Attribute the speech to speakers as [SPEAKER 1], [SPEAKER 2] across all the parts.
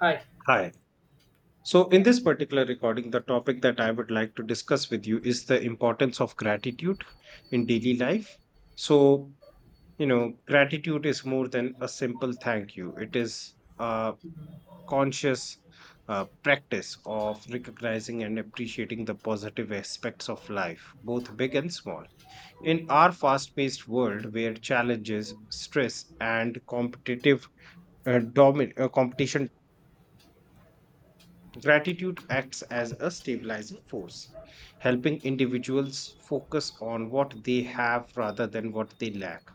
[SPEAKER 1] Hi.
[SPEAKER 2] Hi. So, in
[SPEAKER 1] Yeah.
[SPEAKER 2] this particular recording, the topic that I would like to discuss with you is the importance of gratitude in daily life. So, you know, gratitude is more than a simple thank you. It is a conscious practice of recognizing and appreciating the positive aspects of life, both big and small. In our fast paced world where challenges, stress, and competitive competition, gratitude acts as a stabilizing force,
[SPEAKER 1] Mm.
[SPEAKER 2] helping individuals focus on what they have rather than what they lack.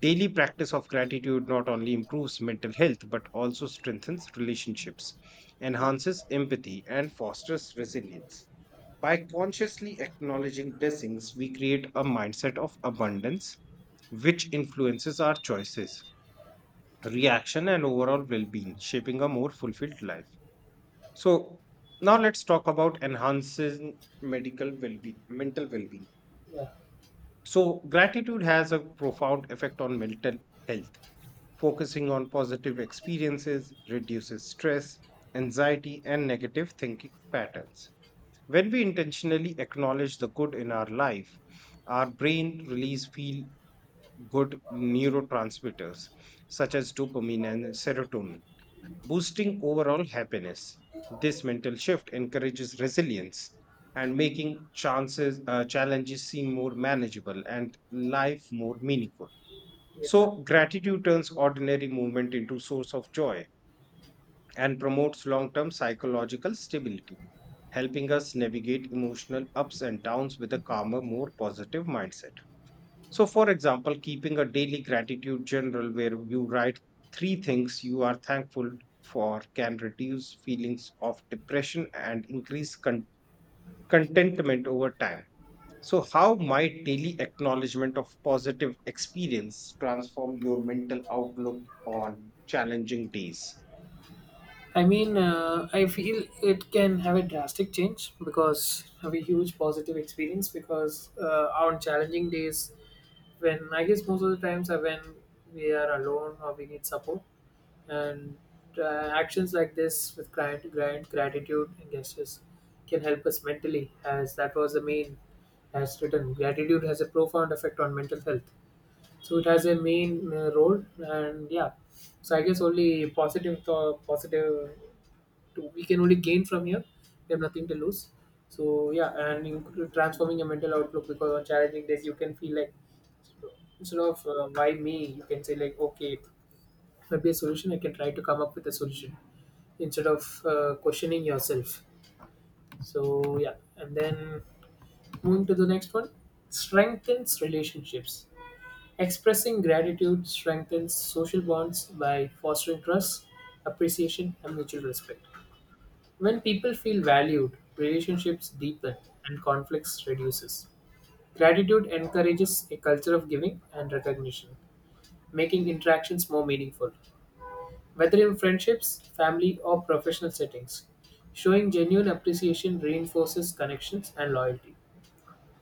[SPEAKER 2] Daily practice of gratitude not only improves mental health but also strengthens relationships, enhances empathy, and fosters resilience. By consciously acknowledging blessings, we create a mindset of abundance, which influences our choices, reaction, and overall well being, shaping a more fulfilled life. So now let's talk about enhancing medical well-being, mental well-being.
[SPEAKER 1] Yeah,
[SPEAKER 2] So gratitude has a profound effect on mental health. Focusing on positive experiences reduces stress, anxiety, and negative thinking patterns. When we intentionally acknowledge the good in our life, our brain release feel good neurotransmitters such as dopamine and serotonin, boosting overall happiness. This mental shift encourages resilience and making chances challenges seem more manageable and life more meaningful.
[SPEAKER 1] yeah,
[SPEAKER 2] So gratitude turns ordinary movement into source of joy and promotes long-term psychological stability, helping us navigate emotional ups and downs with a calmer, more positive mindset. So, for example, keeping a daily gratitude journal where you write three things you are thankful for can reduce feelings of depression and increase contentment over time. So, how might daily acknowledgement of positive experience transform your mental outlook on challenging days?
[SPEAKER 1] I mean, uh, I feel it can have a drastic change because have a huge positive experience because on challenging days, when I guess most of the times are when we are alone or we need support, and actions like this with client, grant, gratitude, and gestures can help us mentally, as that was the main as written. Gratitude has a profound effect on mental health, so it has a main road. And yeah, so I guess only positive, to, we can only gain from here. We have nothing to lose, so yeah. And in transforming your mental outlook, because on challenging days you can feel like, instead of why me, you can say like, okay, maybe a solution, I can try to come up with a solution instead of questioning yourself. So yeah, and then moving to the next one, strengthens relationships. Expressing gratitude strengthens social bonds by fostering trust, appreciation, and mutual respect. When people feel valued, relationships deepen and conflicts reduces. Gratitude encourages a culture of giving and recognition, making interactions more meaningful. Whether in friendships, family, or professional settings, showing genuine appreciation reinforces connections and loyalty.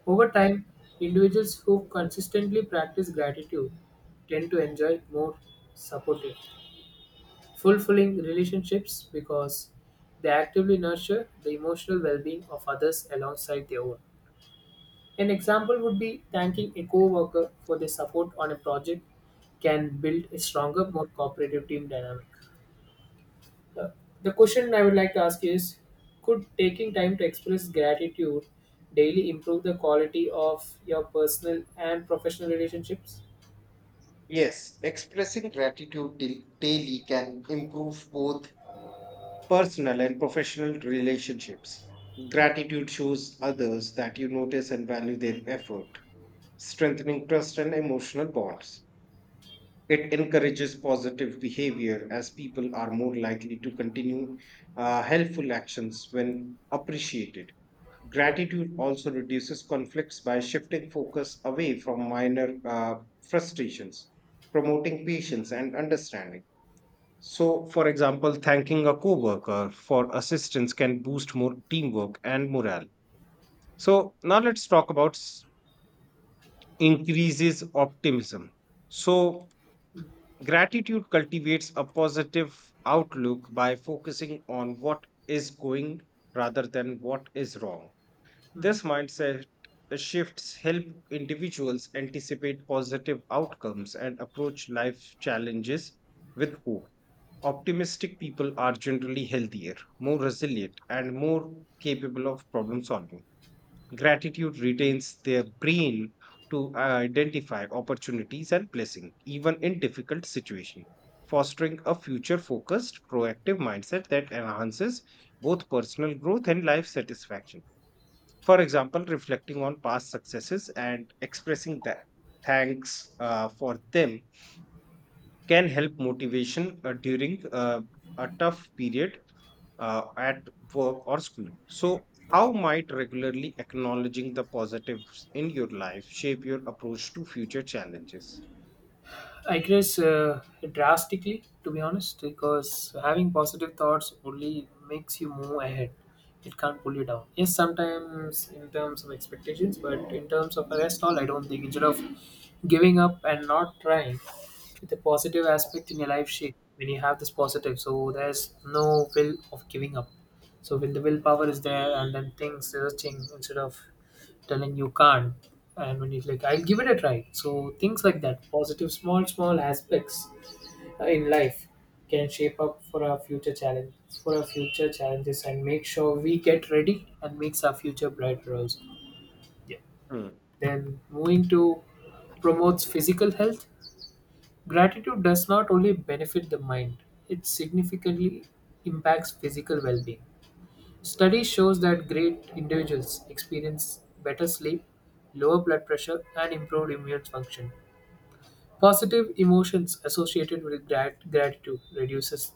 [SPEAKER 1] Over time, individuals who consistently practice gratitude tend to enjoy more supportive, fulfilling relationships because they actively nurture the emotional well being of others alongside their own. An example would be thanking a co worker for their support on a project can build a stronger, more cooperative team dynamic. Uh, The question I would like to ask is, could taking time to express gratitude daily improve the quality of your personal and professional relationships?
[SPEAKER 2] Yes, expressing gratitude daily can improve both personal and professional relationships. Gratitude shows others that you notice and value their effort, strengthening trust and emotional bonds. It encourages positive behavior, as people are more likely to continue helpful actions when appreciated.
[SPEAKER 1] Yeah.
[SPEAKER 2] Gratitude also reduces conflicts by shifting focus away from minor frustrations, promoting patience and understanding. So, for example, thanking a coworker for assistance can boost more teamwork and morale. So, now let's talk about increases optimism. So, gratitude cultivates a positive outlook by focusing on what is going rather than what is wrong.
[SPEAKER 1] Hmm.
[SPEAKER 2] This mindset shifts help individuals anticipate positive outcomes and approach life challenges with hope. Optimistic people are generally healthier, more resilient, and more capable of problem solving. Gratitude retains their brain to identify opportunities and blessings, even in difficult situations, fostering a future focused, proactive mindset that enhances both personal growth and life satisfaction. For example, reflecting on past successes and expressing that thanks for them can help motivation during a tough period at work or school. So, how might regularly acknowledging the positives in your life shape your approach to future challenges?
[SPEAKER 1] I guess, drastically, to be honest, because having positive thoughts only makes you move ahead. It can't pull you down. Yes, sometimes in terms of expectations, but in terms of the rest, all I don't think. Instead of giving up and not trying, the positive aspect in your life shape, when you have this positive, so there's no will of giving up. So when the willpower is there and then things searching, instead of telling you can't, and when you like, I'll give it a try. So things like that, positive small small aspects in life, can shape up for our future challenge, for our future challenges, and make sure we get ready and makes our future brighter also. Yeah, then moving to, promotes physical health. Gratitude does not only benefit the mind, it significantly impacts physical well-being. Study shows that great individuals experience better sleep, lower blood pressure, and improved immune function. Positive emotions associated with gratitude reduces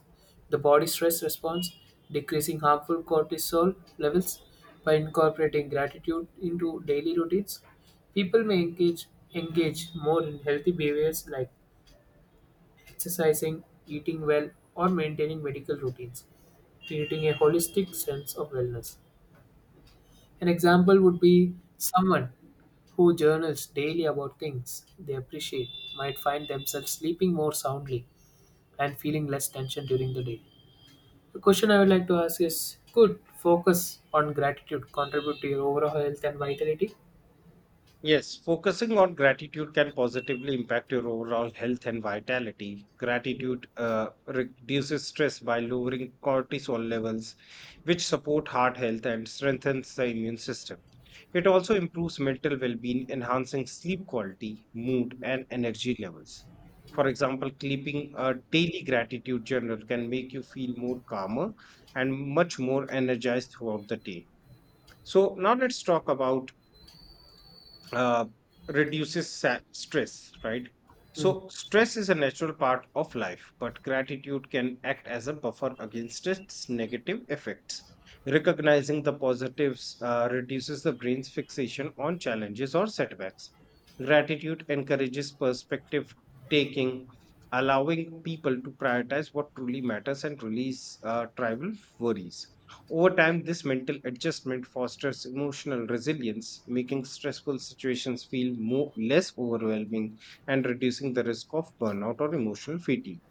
[SPEAKER 1] the body stress response, decreasing harmful cortisol levels by incorporating gratitude into daily routines. People may engage more in healthy behaviors like exercising, eating well, or maintaining medical routines, creating a holistic sense of wellness. An example would be someone who journals daily about things they appreciate might find themselves sleeping more soundly and feeling less tension during the day. The question I would like to ask is, could focus on gratitude contribute to your overall health and vitality?
[SPEAKER 2] Yes, focusing on gratitude can positively impact your overall health and vitality. Gratitude reduces stress by lowering cortisol levels, which support heart health and strengthens the immune system. It also improves mental well-being, enhancing sleep quality, mood, and energy levels. For example, keeping a daily gratitude journal can make you feel more calmer and much more energized throughout the day. So now let's talk about uh, reduces stress, right?
[SPEAKER 1] Hmm.
[SPEAKER 2] So, stress is a natural part of life, but gratitude can act as a buffer against its negative effects. Recognizing the positives reduces the brain's fixation on challenges or setbacks. Gratitude encourages perspective taking, allowing people to prioritize what truly matters and release tribal worries. Over time, this mental adjustment fosters emotional resilience, making stressful situations feel more, less overwhelming and reducing the risk of burnout or emotional fatigue.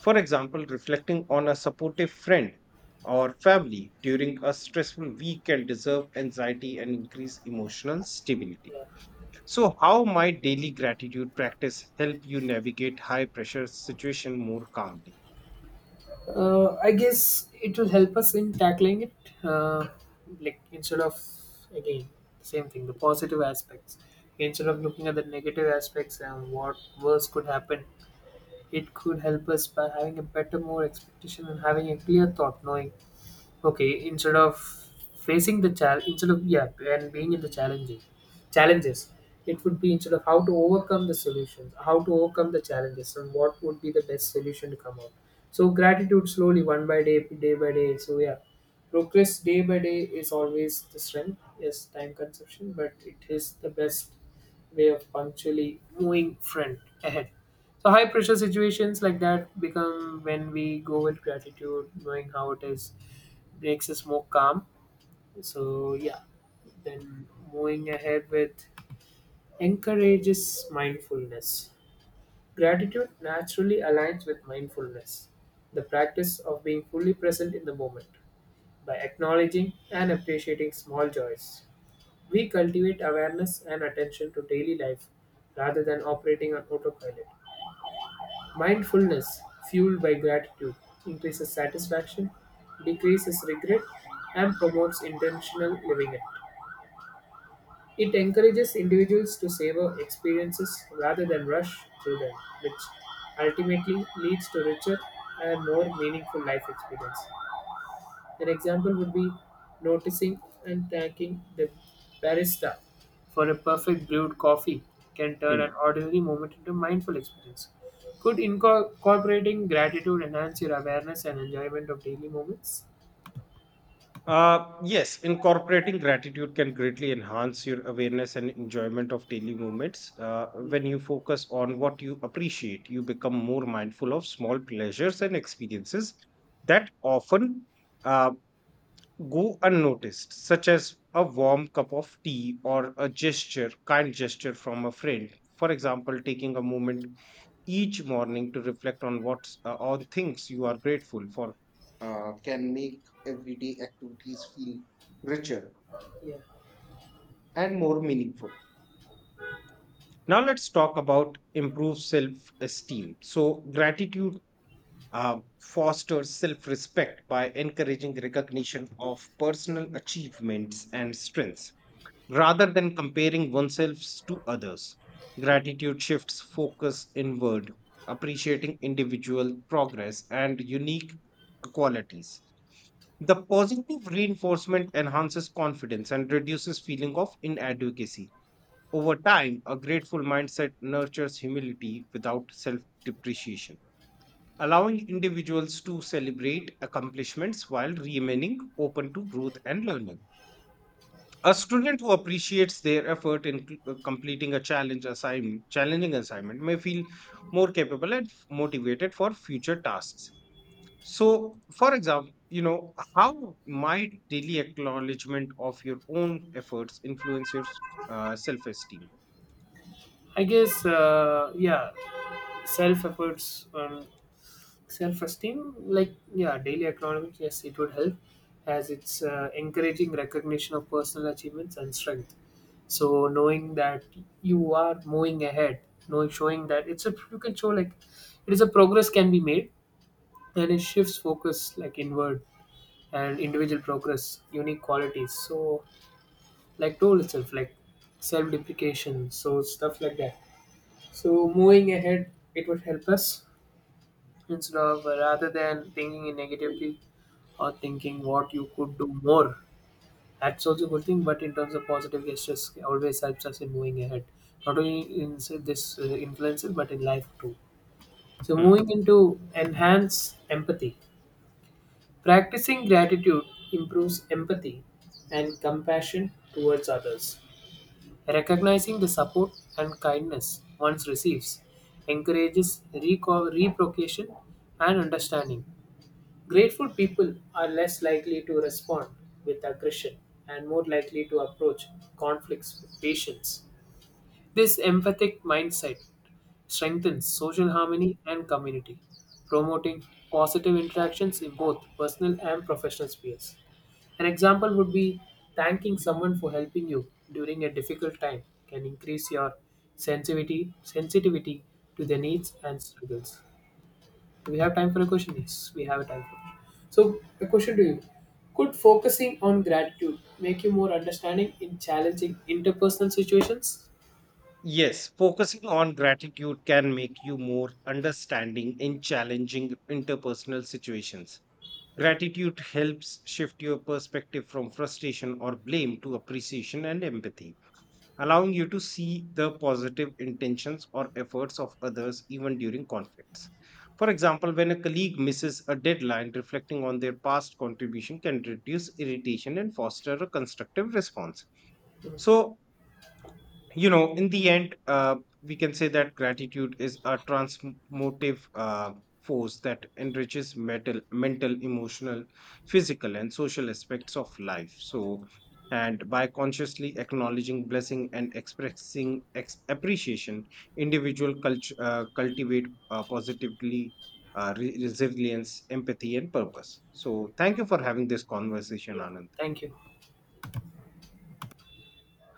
[SPEAKER 2] For example, reflecting on a supportive friend or family during a stressful week can deserve anxiety and increase emotional stability. So, how might daily gratitude practice help you navigate high pressure situation more calmly?
[SPEAKER 1] I guess it will help us in tackling it, uh, like instead of, again, same thing, the positive aspects. Instead of looking at the negative aspects and what worse could happen, it could help us by having a better, more expectation and having a clear thought, knowing okay. Instead of facing the challenge, instead of yeah, and being in the challenges, it would be instead of how to overcome the solutions, how to overcome the challenges and what would be the best solution to come out. So gratitude slowly, one by day, day by day, so yeah, progress day by day is always the strength. Yes, time consumption, but it is the best way of punctually moving front, ahead. So high pressure situations like that become, when we go with gratitude knowing how it is, breaks is more calm. So yeah, then moving ahead with encourages mindfulness. Gratitude naturally aligns with mindfulness, the practice of being fully present in the moment. By acknowledging and appreciating small joys, we cultivate awareness and attention to daily life rather than operating on autopilot. Mindfulness, fueled by gratitude, increases satisfaction, decreases regret, and promotes intentional living. It encourages individuals to savor experiences rather than rush through them, which ultimately leads to richer and more meaningful life experience. An example would be noticing and thanking the barista for a perfect brewed coffee can turn an
[SPEAKER 2] Hmm.
[SPEAKER 1] ordinary moment into a mindful experience. Could incorporating gratitude enhance your awareness and enjoyment of daily moments?
[SPEAKER 2] Yes, incorporating gratitude can greatly enhance your awareness and enjoyment of daily moments. When you focus on what you appreciate, you become more mindful of small pleasures and experiences that often uh, go unnoticed, such as a warm cup of tea or a gesture, kind gesture from a friend. For example, taking a moment each morning to reflect on what's on things you are grateful for can make everyday activities feel richer
[SPEAKER 1] Yeah.
[SPEAKER 2] and more meaningful. Now let's talk about improved self-esteem. So gratitude fosters self-respect by encouraging recognition of personal achievements and strengths rather than comparing oneself to others. Gratitude shifts focus inward, appreciating individual progress and unique qualities. The positive reinforcement enhances confidence and reduces feeling of inadequacy. Over time, a grateful mindset nurtures humility without self-depreciation, allowing individuals to celebrate accomplishments while remaining open to growth and learning. A student who appreciates their effort in completing a challenging assignment may feel more capable and motivated for future tasks. So, for example, you know, how might daily acknowledgement of your own efforts influence your self-esteem?
[SPEAKER 1] I guess, yeah, self efforts self-esteem, like yeah, daily economics, yes it would help, as it's encouraging recognition of personal achievements and strength. So knowing that you are moving ahead, knowing, showing that it's a, you can show like it is a progress can be made, and it shifts focus like inward, and individual progress, unique qualities, so like tool itself like self-deprecation, so stuff like that. So moving ahead, it would help us instead of, rather than thinking in negatively or thinking what you could do more. That's also a good thing, but in terms of positive gestures, always helps us in moving ahead. Not only in say, this influencer, but in life too. So,
[SPEAKER 2] Hmm.
[SPEAKER 1] moving into enhance empathy. Practicing gratitude improves empathy and compassion towards others. Recognizing the support and kindness one receives encourages reciprocation and understanding. Grateful people are less likely to respond with aggression and more likely to approach conflicts with patience. This empathic mindset strengthens social harmony and community, promoting positive interactions in both personal and professional spheres. An example would be thanking someone for helping you during a difficult time can increase your sensitivity to their needs and struggles. Do we have time for a question? Yes, we have time for a question. So, a question to you. Could focusing on gratitude make you more understanding in challenging interpersonal situations?
[SPEAKER 2] Yes, focusing on gratitude can make you more understanding in challenging interpersonal situations. Gratitude helps shift your perspective from frustration or blame to appreciation and empathy, allowing you to see the positive intentions or efforts of others even during conflicts. For example, when a colleague misses a deadline, reflecting on their past contribution can reduce irritation and foster a constructive response. So, you know, in the end we can say that gratitude is a transmotive force that enriches mental emotional physical and social aspects of life. So, and by consciously acknowledging blessing and expressing appreciation, individual cultivate positively resilience, empathy and purpose. So thank you for having this conversation,
[SPEAKER 1] Yeah,
[SPEAKER 2] Anand.
[SPEAKER 1] thank you.